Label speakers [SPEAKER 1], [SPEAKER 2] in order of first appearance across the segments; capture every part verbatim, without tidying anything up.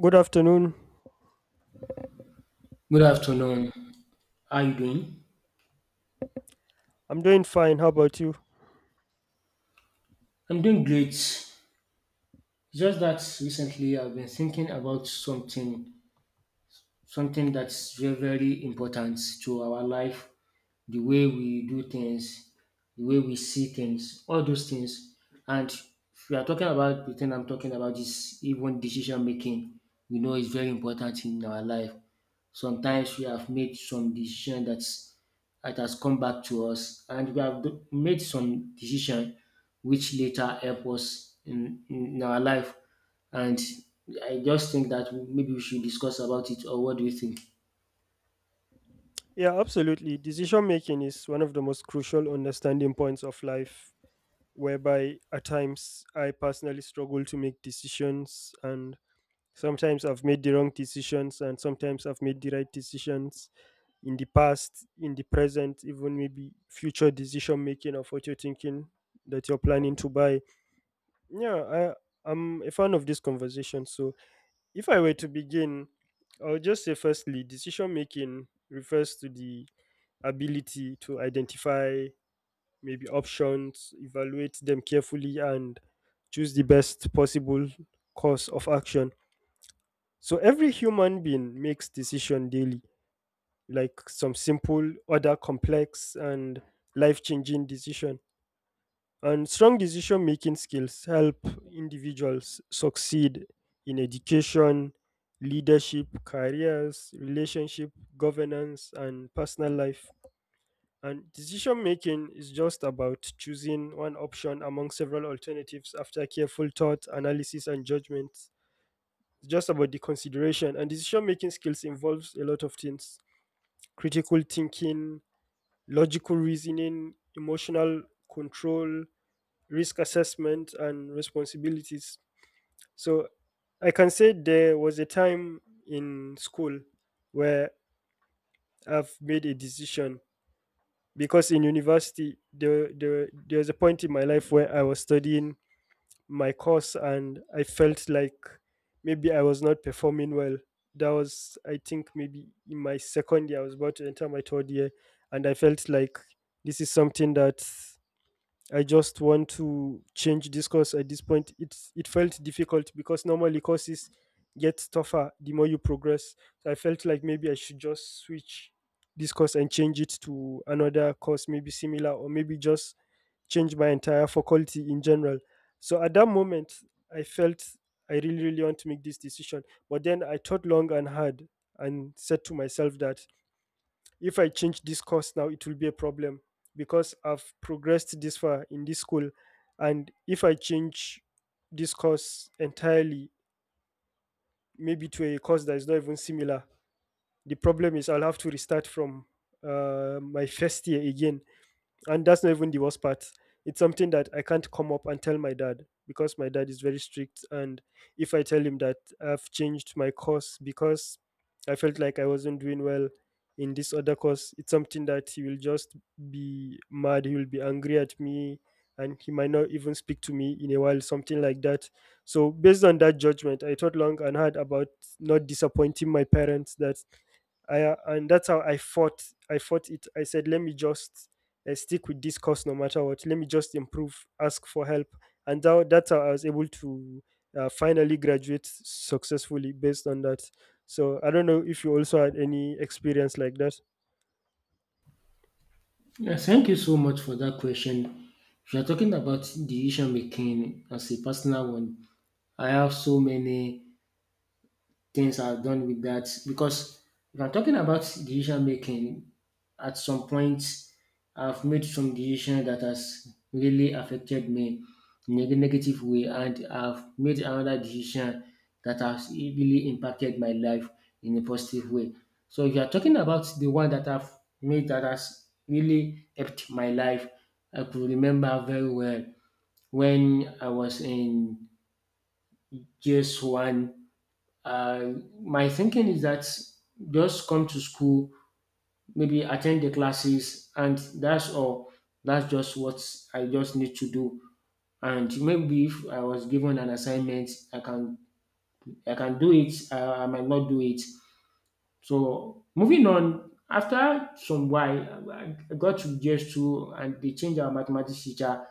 [SPEAKER 1] Good afternoon.
[SPEAKER 2] Good afternoon. How you doing?
[SPEAKER 1] I'm doing fine. How about you?
[SPEAKER 2] I'm doing great. Just that recently I've been thinking about something, something that's very, very important to our life, the way we do things, the way we see things, all those things. And if we are talking about the thing I'm talking about is even decision making. We know it's very important in our life. Sometimes we have made some decision that's that has come back to us, and we have do- made some decision which later help us in, in our life. And I just think that maybe we should discuss about it, or what do you think?
[SPEAKER 1] Yeah, absolutely. Decision making is one of the most crucial understanding points of life, whereby at times I personally struggle to make decisions, and sometimes I've made the wrong decisions, and sometimes I've made the right decisions in the past, in the present, even maybe future decision making of what you're thinking that you're planning to buy. Yeah, I, I'm a fan of this conversation, so if I were to begin, I would just say firstly, decision making refers to the ability to identify maybe options, evaluate them carefully, and choose the best possible course of action. So every human being makes decision daily, like some simple, other complex and life-changing decision. And strong decision making skills help individuals succeed in education, leadership, careers, relationship, governance, and personal life. And decision making is just about choosing one option among several alternatives after careful thought, analysis, and judgment. It's just about the consideration. And decision making skills involves a lot of things: critical thinking, logical reasoning, emotional control, risk assessment and responsibilities. So I can say there was a time in school where I've made a decision, because in university there, there there was a point in my life where I was studying my course and I felt like maybe I was not performing well. That was, I think, maybe in my second year. I was about to enter my third year and I felt like this is something that I just want to change this course at this point. It it felt difficult because normally courses get tougher the more you progress. So I felt like maybe I should just switch this course and change it to another course, maybe similar, or maybe just change my entire faculty in general. So at that moment, I felt I really, really want to make this decision. But then I thought long and hard and said to myself that if I change this course now, it will be a problem because I've progressed this far in this school. And if I change this course entirely, maybe to a course that is not even similar, the problem is I'll have to restart from uh, my first year again, and that's not even the worst part. It's something that I can't come up and tell my dad because my dad is very strict. And if I tell him that I've changed my course because I felt like I wasn't doing well in this other course, it's something that he will just be mad. He will be angry at me and he might not even speak to me in a while, something like that. So, based on that judgment, I thought long and hard about not disappointing my parents, that I uh, and that's how I fought. I fought it. I said, let me just I stick with this course no matter what. Let me just improve, ask for help. And that, that's how I was able to uh, finally graduate successfully based on that. So I don't know if you also had any experience like that.
[SPEAKER 2] Yeah, thank you so much for that question. If you're talking about decision making as a personal one, I have so many things are done with that because if I'm talking about decision making, at some point I've made some decision that has really affected me in a negative way, and I've made another decision that has really impacted my life in a positive way. So if you are talking about the one that I've made that has really helped my life, I could remember very well when I was in G S one, uh, my thinking is that just come to school, maybe attend the classes, and that's all. That's just what I just need to do. And maybe if I was given an assignment, I can I can do it. I, I might not do it. So moving on. After some while, I I got to G S two and they changed our mathematics teacher.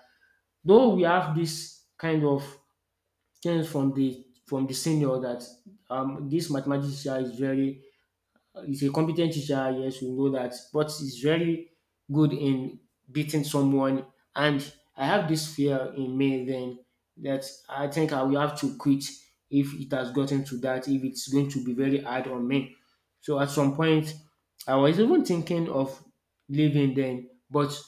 [SPEAKER 2] Though we have this kind of things from the from the senior that um, this mathematics teacher is very. He's a competent teacher, yes, we know that, but he's very good in beating someone. And I have this fear in me then that I think I will have to quit if it has gotten to that, if it's going to be very hard on me. So at some point, I was even thinking of leaving then, but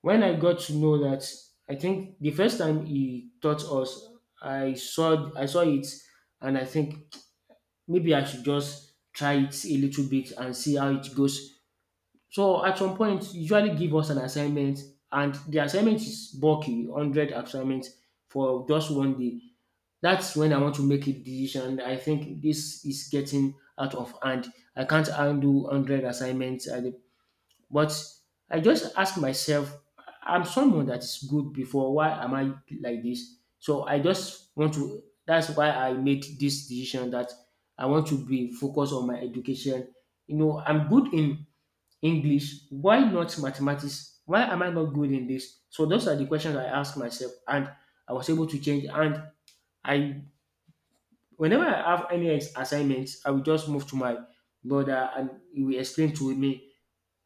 [SPEAKER 2] when I got to know that, I think the first time he taught us, I saw I saw it, and I think maybe I should just try it a little bit and see how it goes. So at some point, usually give us an assignment, and the assignment is bulky, hundred assignments for just one day. That's when I want to make a decision. I think this is getting out of hand. I can't handle hundred assignments at a, but I just ask myself, I'm someone that is good before. Why am I like this? So I just want to. That's why I made this decision that I want to be focused on my education. You know, I'm good in English. Why not mathematics? Why am I not good in this? So those are the questions I ask myself, and I was able to change. And I, whenever I have any assignments, I will just move to my brother, and he will explain to me.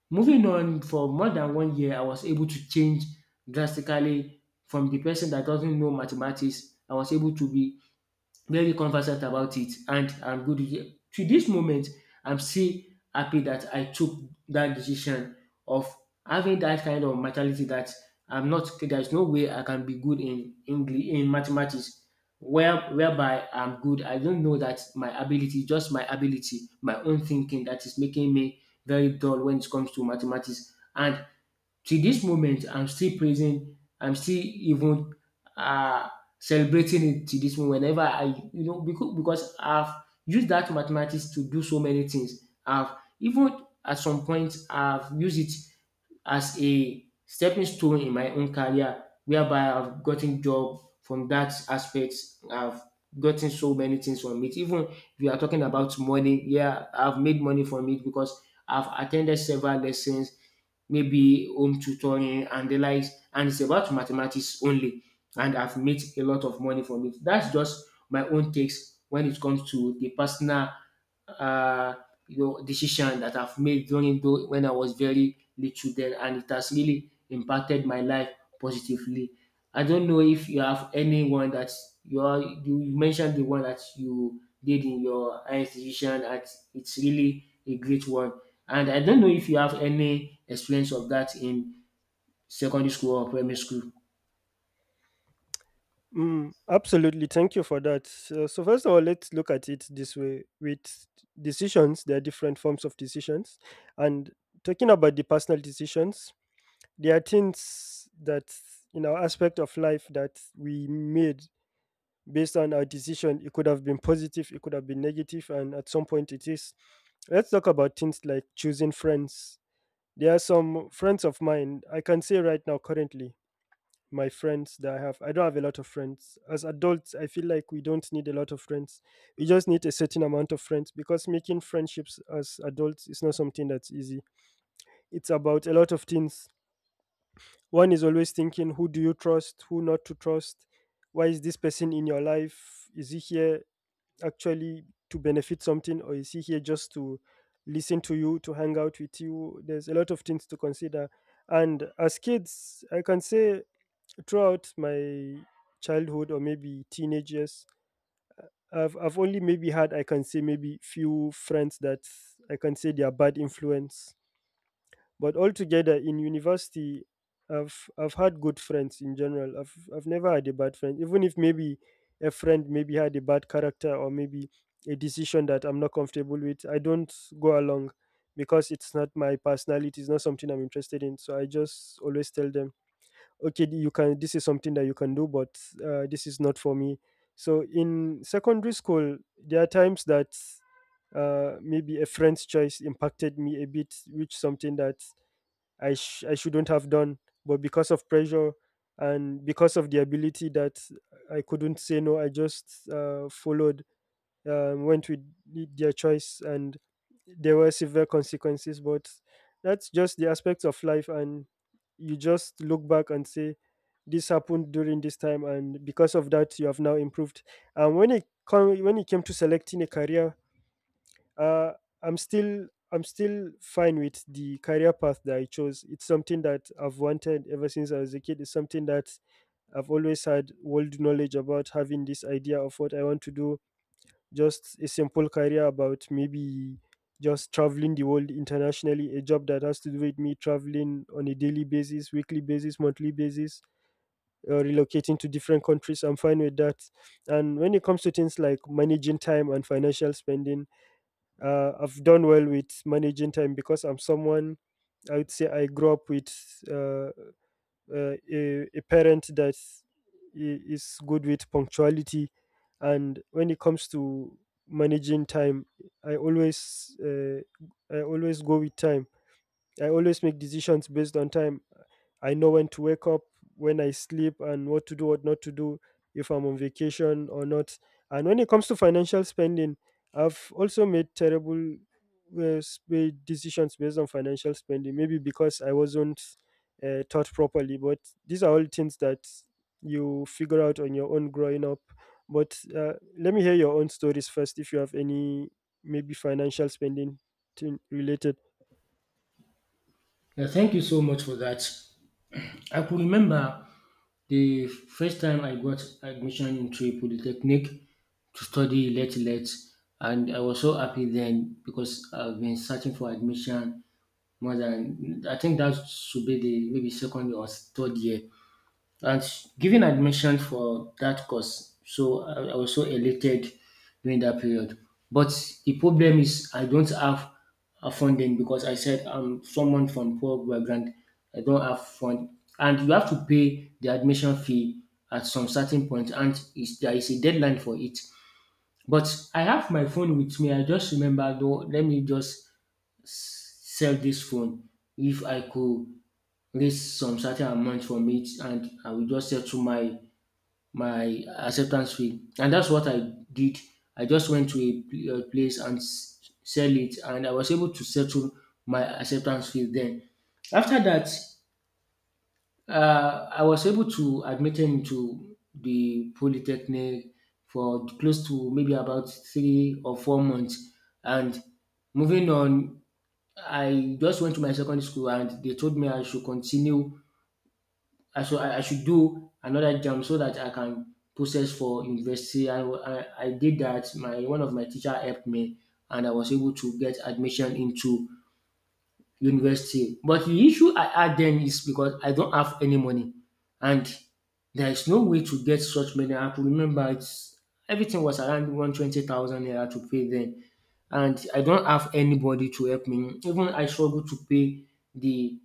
[SPEAKER 2] Moving on for more than one year, I was able to change drastically from the person that doesn't know mathematics. I was able to be very conversant about it and I'm good with it. To this moment, I'm still happy that I took that decision of having that kind of mentality that I'm not there's no way I can be good in English in mathematics where whereby I'm good. I don't know that my ability, just my ability, my own thinking that is making me very dull when it comes to mathematics. And till this moment, I'm still praising, I'm still even uh, celebrating it till this moment. Whenever I, you know, because, because I've used that mathematics to do so many things. I've even at some point, I've used it as a stepping stone in my own career, whereby I've gotten job from that aspect. I've gotten so many things from it. Even if you are talking about money, yeah, I've made money from it because I've attended several lessons maybe home tutoring and the likes, and it's about mathematics only. And I've made a lot of money from it. That's just my own takes when it comes to the personal, uh, you know, decision that I've made during though when I was very little then, and it has really impacted my life positively. I don't know if you have anyone that you are, you you mentioned the one that you did in your higher institution, and it's really a great one. And I don't know if you have any experience of that in secondary school or primary school.
[SPEAKER 1] Mm, absolutely. Thank you for that. So, so first of all, let's look at it this way. With decisions, there are different forms of decisions. And talking about the personal decisions, there are things that in our aspect of life that we made based on our decision. It could have been positive, it could have been negative, and at some point it is. Let's talk about things like choosing friends. There are some friends of mine, I can say right now, currently, my friends that I have, I don't have a lot of friends. As adults, I feel like we don't need a lot of friends. We just need a certain amount of friends because making friendships as adults is not something that's easy. It's about a lot of things. One is always thinking, who do you trust, who not to trust? Why is this person in your life? Is he here actually to benefit something, or is he here just to listen to you, to hang out with you? There's a lot of things to consider. And as kids, I can say throughout my childhood or maybe teenage years, I've, I've only maybe had, I can say, maybe few friends that I can say they are bad influence, but altogether in university, I've I've had good friends in general. I've I've never had a bad friend, even if maybe a friend maybe had a bad character or maybe a decision that I'm not comfortable with. I don't go along because it's not my personality. It's not something I'm interested in. So I just always tell them, okay, you can. This is something that you can do, but uh, this is not for me. So in secondary school, there are times that uh, maybe a friend's choice impacted me a bit, which something that I sh- I shouldn't have done, but because of pressure and because of the ability that I couldn't say no, I just uh, followed, uh, went with the- their choice, and there were severe consequences. But that's just the aspects of life, and you just look back and say this happened during this time, and because of that, you have now improved. And when it come, when it came to selecting a career, uh, I'm still I'm still fine with the career path that I chose. It's something that I've wanted ever since I was a kid. It's something that I've always had world knowledge about, having this idea of what I want to do. Just a simple career about maybe just traveling the world internationally, a job that has to do with me traveling on a daily basis, weekly basis, monthly basis, uh, relocating to different countries. I'm fine with that. And when it comes to things like managing time and financial spending, uh, I've done well with managing time because I'm someone, I would say, I grew up with uh, uh, a, a parent that i- is good with punctuality, and when it comes to managing time, I always uh, I always go with time. I always make decisions based on time. I know when to wake up, when I sleep, and what to do, what not to do, if I'm on vacation or not. And when it comes to financial spending, I've also made terrible uh, sp- decisions based on financial spending, maybe because I wasn't uh, taught properly. But these are all things that you figure out on your own growing up. But uh, let me hear your own stories first, if you have any maybe financial spending thing related.
[SPEAKER 2] Yeah, thank you so much for that. I could remember the first time I got admission into a polytechnic to study late late and I was so happy then because I've been searching for admission more than I think that should be the maybe second or third year. And giving admission for that course, so I, I was so elated during that period. But the problem is I don't have a funding because I said I'm someone from poor background. I don't have fund, and you have to pay the admission fee at some certain point, and is there is a deadline for it. But I have my phone with me. I just remember, though, let me just sell this phone if I could raise some certain amount from it, and I will just settle my my acceptance fee. And that's what I did. I just went to a pl- a place and s- sell it, and I was able to settle my acceptance fee then. After that, uh, I was able to admit into the polytechnic for close to maybe about three or four months. And moving on, I just went to my secondary school and they told me I should continue I should I I should do another jam so that I can process for university. I, I, I did that. My one of my teacher helped me, and I was able to get admission into university. But the issue I had then is because I don't have any money, and there is no way to get such money. I could remember it's everything was around one twenty thousand naira to pay then, and I don't have anybody to help me. Even I struggle to pay the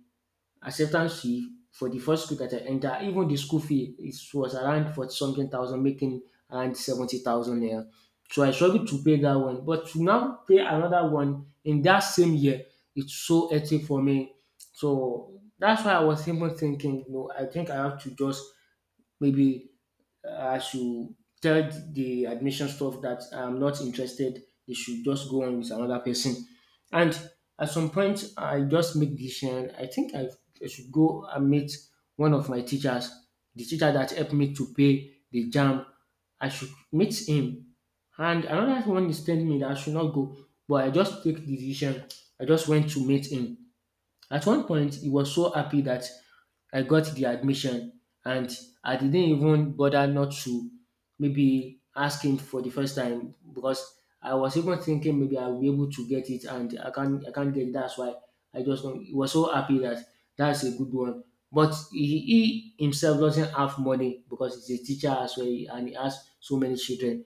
[SPEAKER 2] acceptance fee for the first school that I enter. Even the school fee it was around forty something thousand, making around seventy thousand naira. So I struggled to pay that one, but to now pay another one in that same year, it's so hectic for me. So that's why I was even thinking, you know, I think I have to just maybe I should tell the admission stuff that I'm not interested. They should just go on with another person. And at some point, I just make decision. I think I, I should go and meet one of my teachers, the teacher that helped me to pay the jam. I should meet him. And another one is telling me that I should not go, but I just take the decision. I just went to meet him. At one point, he was so happy that I got the admission and I didn't even bother not to maybe ask him for the first time because I was even thinking maybe I'll be able to get it and I can't I can't get it. That's why I just don't- he was so happy that that's a good one. But he, he himself doesn't have money because he's a teacher as well and he has so many children.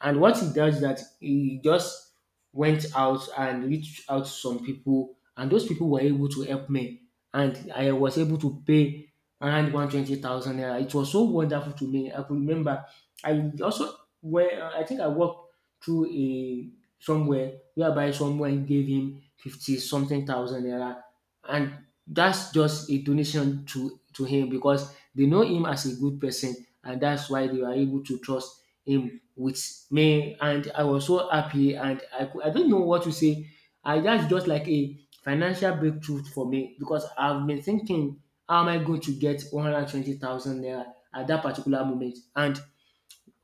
[SPEAKER 2] And what he does that he just went out and reached out to some people, and those people were able to help me, and I was able to pay around one twenty thousand naira. It was so wonderful to me. I could remember. I also where I think I walked through a somewhere whereby someone gave him fifty something thousand naira, and that's just a donation to to him because they know him as a good person, and that's why they were able to trust him with me and I was so happy and I cou- I don't know what to say. I that's just like a financial breakthrough for me because I've been thinking how am I going to get one hundred twenty thousand naira at that particular moment. And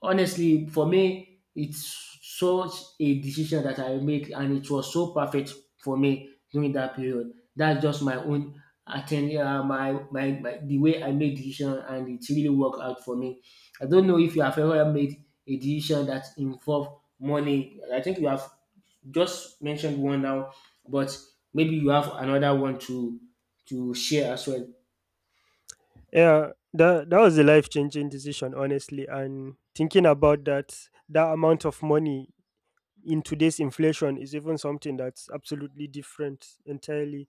[SPEAKER 2] honestly, for me, it's such a decision that I made, and it was so perfect for me during that period. That's just my own attend uh, my, my my the way I made decision, and it really worked out for me. I don't know if you have ever made a decision that involved money. I think you have just mentioned one now, but maybe you have another one to to share as well.
[SPEAKER 1] Yeah, that that was a life changing decision, honestly. And thinking about that, that amount of money in today's inflation is even something that's absolutely different entirely,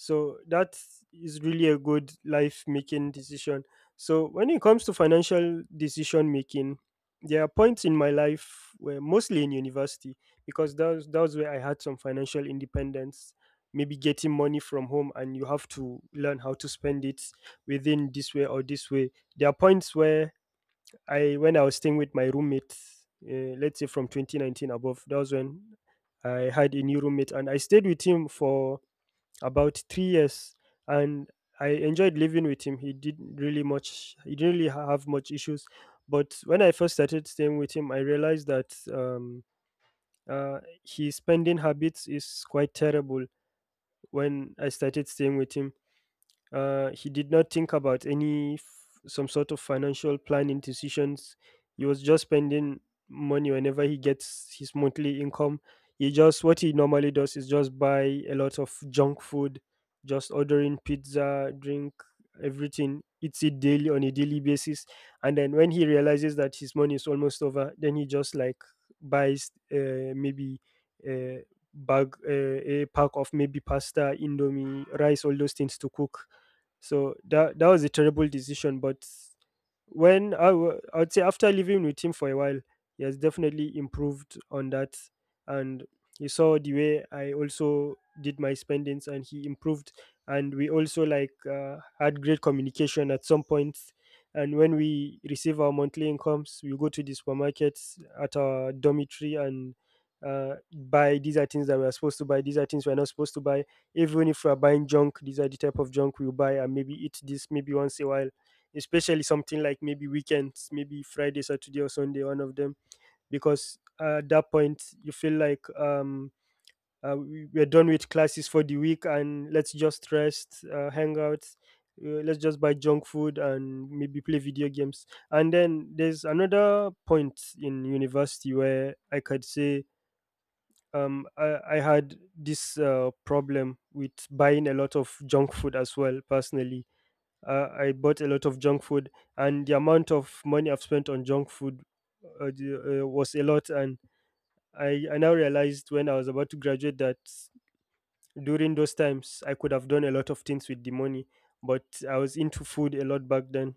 [SPEAKER 1] so that is really a good life making decision. So when it comes to financial decision making, there are points in my life where mostly in university, because that was, that was where I had some financial independence, maybe getting money from home and you have to learn how to spend it within this way or this way. There are points where I when I was staying with my roommate, uh, let's say from twenty nineteen above, that was when I had a new roommate, and I stayed with him for about three years, and I enjoyed living with him. He didn't really much, he didn't really ha- have much issues, but when I first started staying with him, I realized that um, uh, his spending habits is quite terrible. When I started staying with him, uh, he did not think about any f- some sort of financial planning decisions. He was just spending money whenever he gets his monthly income. He just What he normally does is just buy a lot of junk food, just ordering pizza, drink, everything. Eats it daily on a daily basis, and then when he realizes that his money is almost over, then he just like buys uh, maybe a bag, uh, a pack of maybe pasta, indomie, rice, all those things to cook. So that that was a terrible decision. But when I w- I would say after living with him for a while, he has definitely improved on that, and he saw the way I also did my spendings, and he improved, and we also like uh, had great communication at some points. And when we receive our monthly incomes, we go to the supermarkets at our dormitory and uh, buy these are things that we are supposed to buy. These are things we are not supposed to buy. Even if we're buying junk, these are the type of junk we'll buy and maybe eat this maybe once a while, especially something like maybe weekends, maybe Friday, Saturday, or Sunday, one of them, because uh, at that point you feel like um uh, we- we're done with classes for the week and let's just rest, uh, hang out, uh, let's just buy junk food and maybe play video games. And then there's another point in university where I could say, um I, I had this uh, problem with buying a lot of junk food as well personally. uh, I bought a lot of junk food, and the amount of money I've spent on junk food uh, the- uh, was a lot. And I, I now realized when I was about to graduate that during those times I could have done a lot of things with the money. But I was into food a lot back then,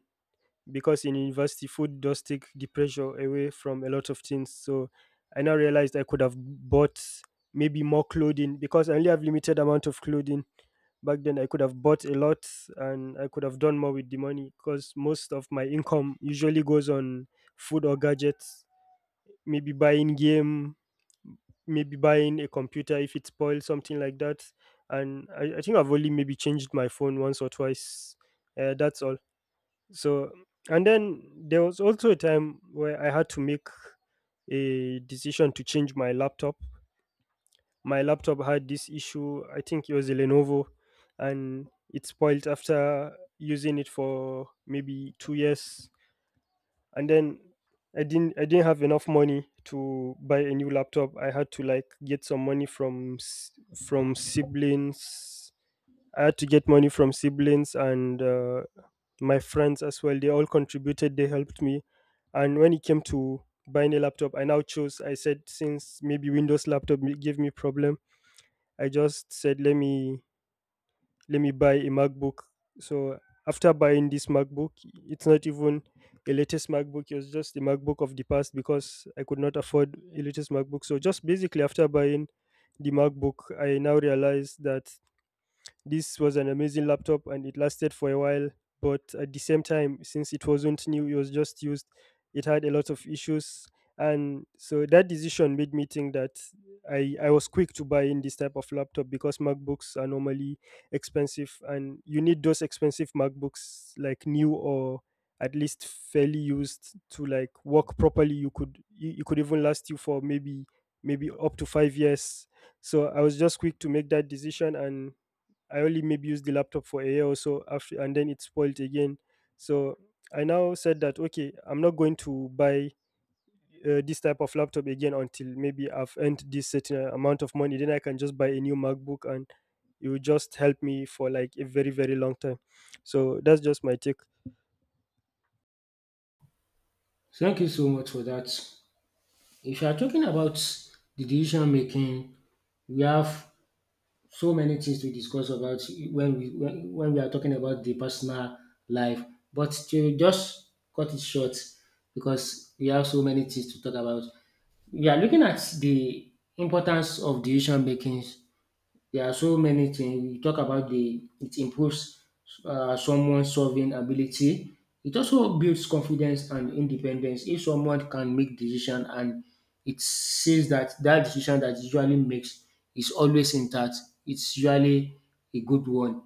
[SPEAKER 1] because in university food does take the pressure away from a lot of things. So I now realized I could have bought maybe more clothing, because I only have limited amount of clothing. Back then I could have bought a lot, and I could have done more with the money, because most of my income usually goes on food or gadgets, maybe buying game, maybe buying a computer if it spoils, something like that. And i, I think I've only maybe changed my phone once or twice. Uh, that's all. So, and then there was also a time where I had to make a decision to change my laptop. My laptop had this issue, I think it was a Lenovo, and it spoiled after using it for maybe two years. And then I didn't I didn't have enough money to buy a new laptop. I had to like get some money from s- from siblings. I had to get money from siblings and uh, my friends as well, they all contributed, they helped me. And when it came to buying a laptop, I now chose, I said, since maybe Windows laptop may- gave me problem, I just said, let me let me buy a MacBook. So after buying this MacBook, it's not even a latest MacBook, it was just a MacBook of the past, because I could not afford a latest MacBook. So just basically after buying the MacBook, I now realized that this was an amazing laptop and it lasted for a while, but at the same time, since it wasn't new, it was just used, it had a lot of issues. And so that decision made me think that I, I was quick to buy in this type of laptop, because MacBooks are normally expensive and you need those expensive MacBooks like new or at least fairly used to like work properly. You could you, you could even last you for maybe maybe up to five years. So I was just quick to make that decision, and I only maybe used the laptop for a year or so after, and then it spoiled again. So I now said that, okay, I'm not going to buy uh, this type of laptop again until maybe I've earned this certain amount of money. Then I can just buy a new MacBook, and it will just help me for like a very very long time. So that's just my take.
[SPEAKER 2] Thank you so much for that. If you are talking about the decision making, we have so many things to discuss about when we when, when we are talking about the personal life, but to just cut it short, because we have so many things to talk about, we are looking at the importance of decision making. There are so many things. We talk about the it improves uh, someone's solving ability. It also builds confidence and independence. If someone can make decision and it says that that decision that usually makes is always intact, it's usually a good one.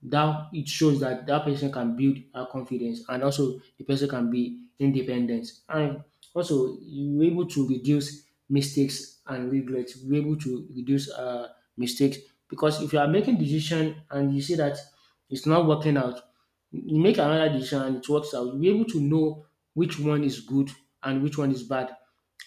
[SPEAKER 2] That it shows that that person can build her confidence and also the person can be independent, and also you're able to reduce mistakes and regrets. You are able to reduce uh, mistakes, because if you are making decision and you see that it's not working out, you make another decision and it works out. You'll be able to know which one is good and which one is bad.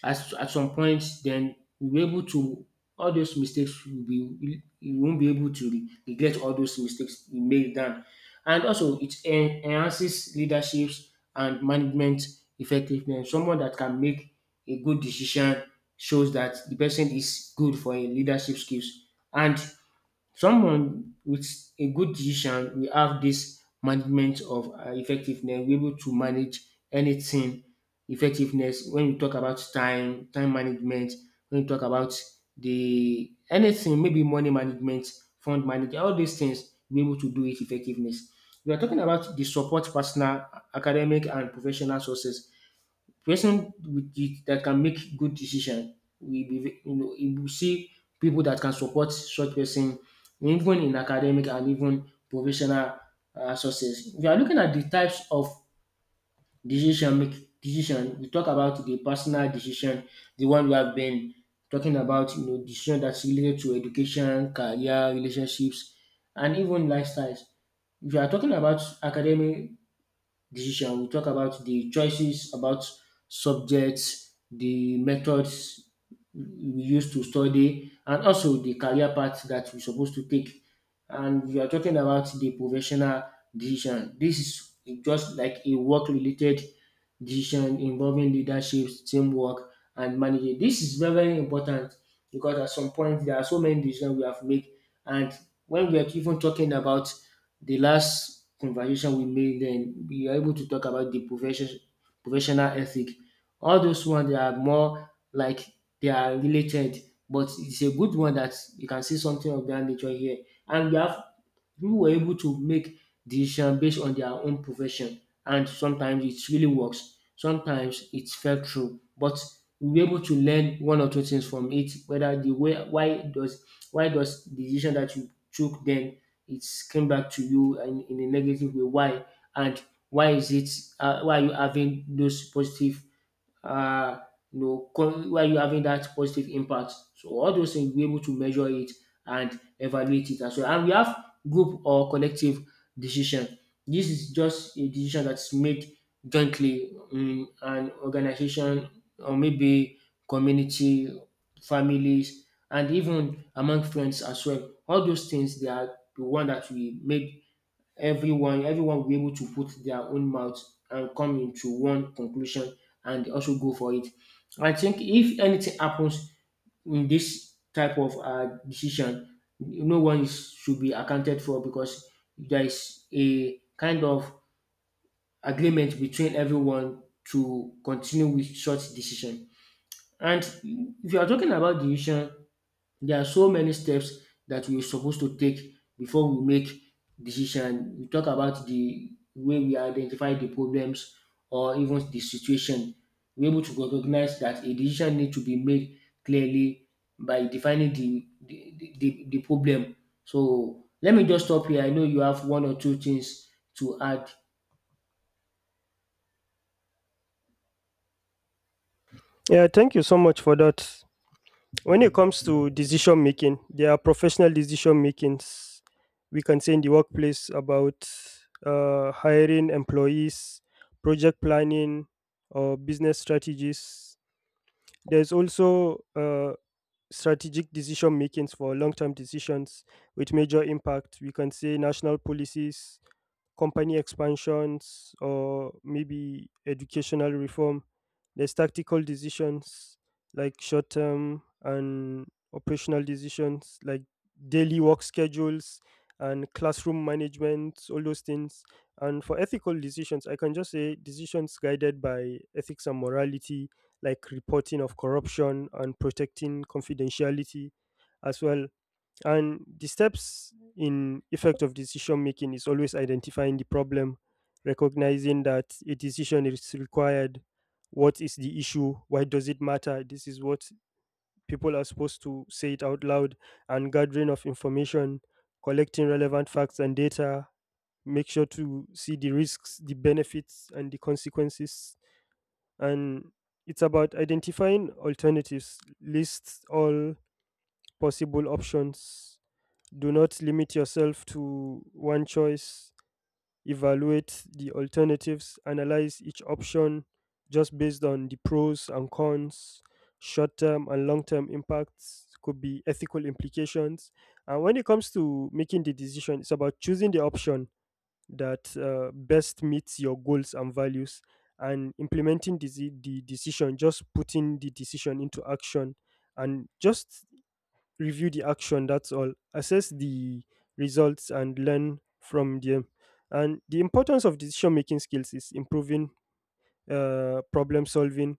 [SPEAKER 2] As at some point, then you'll be able to, all those mistakes will be, you won't be able to re- regret all those mistakes you made then. And also it en- enhances leaderships and management effectiveness. Someone that can make a good decision shows that the person is good for a leadership skills, and someone with a good decision will have this management of uh, effectiveness, will be able to manage anything effectiveness when you talk about time, time management, when you talk about the anything, maybe money management, fund management, all these things, be able to do it effectiveness. We are talking about the support personal, academic, and professional sources. Person with the, that can make good decision, we be ve- you know, you will see people that can support such person even in academic and even professional uh, success. If you are looking at the types of decision make decision we talk about the personal decision, the one we have been talking about, you know, decision that's related to education, career, relationships, and even lifestyles. If you are talking about academic decision, we'll talk about the choices about subjects, the methods we use to study, and also the career path that we're supposed to take. And we are talking about the professional decision. This is just like a work related decision involving leadership, teamwork, and managing. This is very, very important because at some point there are so many decisions we have to make. And when we are even talking about the last conversation we made then, we are able to talk about the profession professional ethic. All those ones, they are more like they are related, but it's a good one that you can see something of that nature here. And we have people were able to make decision based on their own profession, and sometimes it really works. Sometimes it fell through, but we were able to learn one or two things from it. Whether the way, why does why does the decision that you took then, it came back to you and in a negative way? Why, and why is it? Uh, why are you having those positive uh, you know, com- where you're having that positive impact? So all those things, we're able to measure it and evaluate it as well. And we have group or collective decision. This is just a decision that's made jointly in an organization, or maybe community, families, and even among friends as well. All those things, they are the one that we made, everyone everyone will be able to put their own mouth and come into one conclusion and also go for it. I think if anything happens in this type of uh, decision, no one is, should be accounted for, because there is a kind of agreement between everyone to continue with such decision. And if you are talking about decision, there are so many steps that we're supposed to take before we make decision. We talk about the way we identify the problems or even the situation. We're able to recognize that a decision needs to be made clearly by defining the the, the, the the problem. So let me just stop here. I know you have one or two things to add.
[SPEAKER 1] Yeah, thank you so much for that. When it comes to decision making, there are professional decision makings, we can say in the workplace, about uh, hiring employees, project planning, or business strategies. There's also uh, strategic decision makings for long-term decisions with major impact. We can say national policies, company expansions, or maybe educational reform. There's tactical decisions like short term, and operational decisions like daily work schedules and classroom management, all those things. And for ethical decisions, I can just say decisions guided by ethics and morality, like reporting of corruption and protecting confidentiality as well. And the steps in effect of decision making is always identifying the problem, recognizing that a decision is required. What is the issue? Why does it matter? This is what people are supposed to say it out loud. And gathering of information, collecting relevant facts and data, make sure to see the risks, the benefits, and the consequences. And it's about identifying alternatives, lists all possible options, do not limit yourself to one choice. Evaluate the alternatives. Analyze each option just based on the pros and cons, short term and long term impacts, could be ethical implications. And when it comes to making the decision, it's about choosing the option that uh, best meets your goals and values, and implementing the, the decision, just putting the decision into action. And just review the action, that's all. Assess the results and learn from them. And the importance of decision making skills is improving uh, problem solving,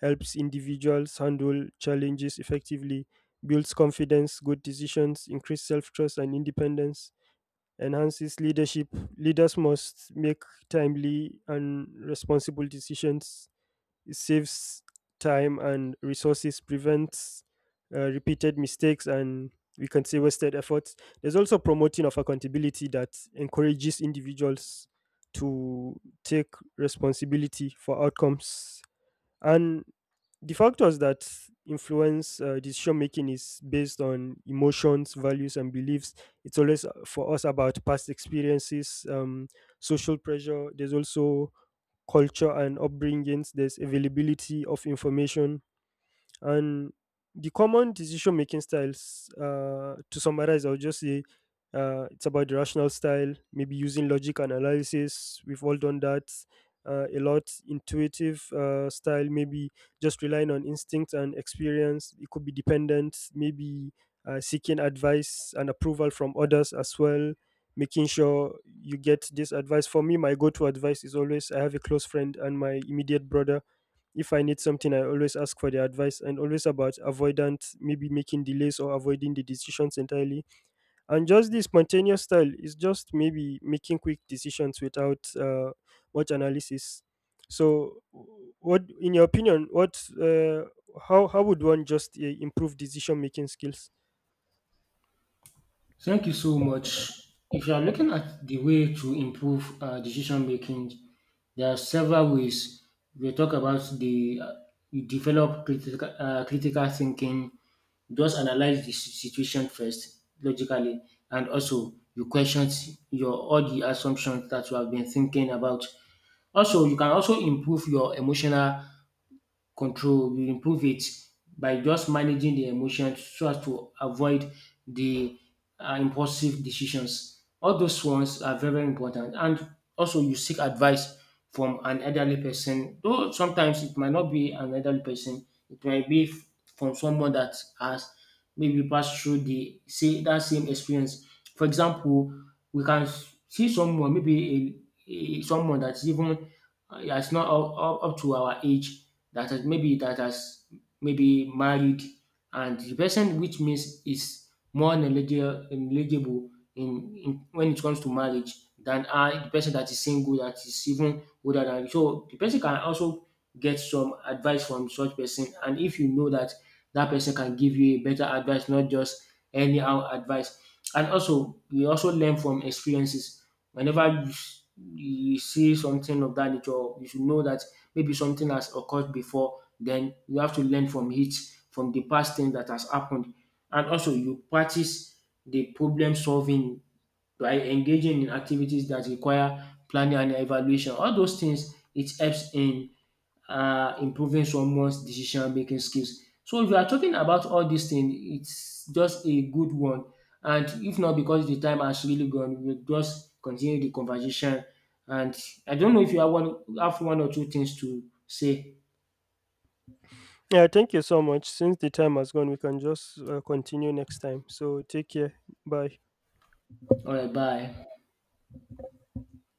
[SPEAKER 1] helps individuals handle challenges effectively, builds confidence, good decisions, increase self trust and independence, enhances leadership. Leaders must make timely and responsible decisions. It saves time and resources, prevents uh, repeated mistakes, and we can say wasted efforts. There's also promoting of accountability that encourages individuals to take responsibility for outcomes. And the factors that influence uh, decision making is based on emotions, values, and beliefs. It's always uh, for us about past experiences, um, social pressure. There's also culture and upbringings, there's availability of information, and the common decision making styles, uh, to summarize, I would just say uh, it's about the rational style, maybe using logic and analysis. We've all done that uh, a lot. Intuitive uh, style, maybe just relying on instinct and experience. It could be dependent, maybe uh, seeking advice and approval from others as well. Making sure you get this advice. For me, my go to advice is always, I have a close friend and my immediate brother, if I need something, I always ask for their advice. And always about avoidant, maybe making delays or avoiding the decisions entirely. And just this spontaneous style is just maybe making quick decisions without uh, much analysis. So, w- what, in your opinion, what, uh, how, how would one just uh, improve decision making skills?
[SPEAKER 2] Thank you so much. If you are looking at the way to improve uh, decision making, there are several ways. We talk about the uh, you develop critical, uh, critical thinking, just analyze the si- situation first logically, and also you question your all the assumptions that you have been thinking about. Also, you can also improve your emotional control. You improve it by just managing the emotions so as to avoid the uh, impulsive decisions. All those ones are very, very important. And also, you seek advice from an elderly person, though sometimes it might not be an elderly person, it might be f- from someone that has maybe passed through the say that same experience. For example, we can s- see someone, maybe a, a someone that's even uh, that's not up, up up to our age, that has maybe that has maybe married, and the person, which means is more knowledgeable knowledgeable in, in when it comes to marriage than I, the person that is single that is even older than you. So the person can also get some advice from such person, and if you know that that person can give you a better advice, not just anyhow advice. And also you also learn from experiences whenever you, s- you see something of that nature, you should know that maybe something has occurred before, then you have to learn from it, from the past thing that has happened. And also you practice the problem solving by engaging in activities that require planning and evaluation. All those things it helps in uh, improving someone's decision making skills. So if you are talking about all these things, it's just a good one. And if not because the time has really gone, we'll just continue the conversation, and I don't know if you have one have one or two things to say.
[SPEAKER 1] Yeah, thank you so much. Since the time has gone, we can just uh, continue next time. So take care. Bye.
[SPEAKER 2] All right, bye.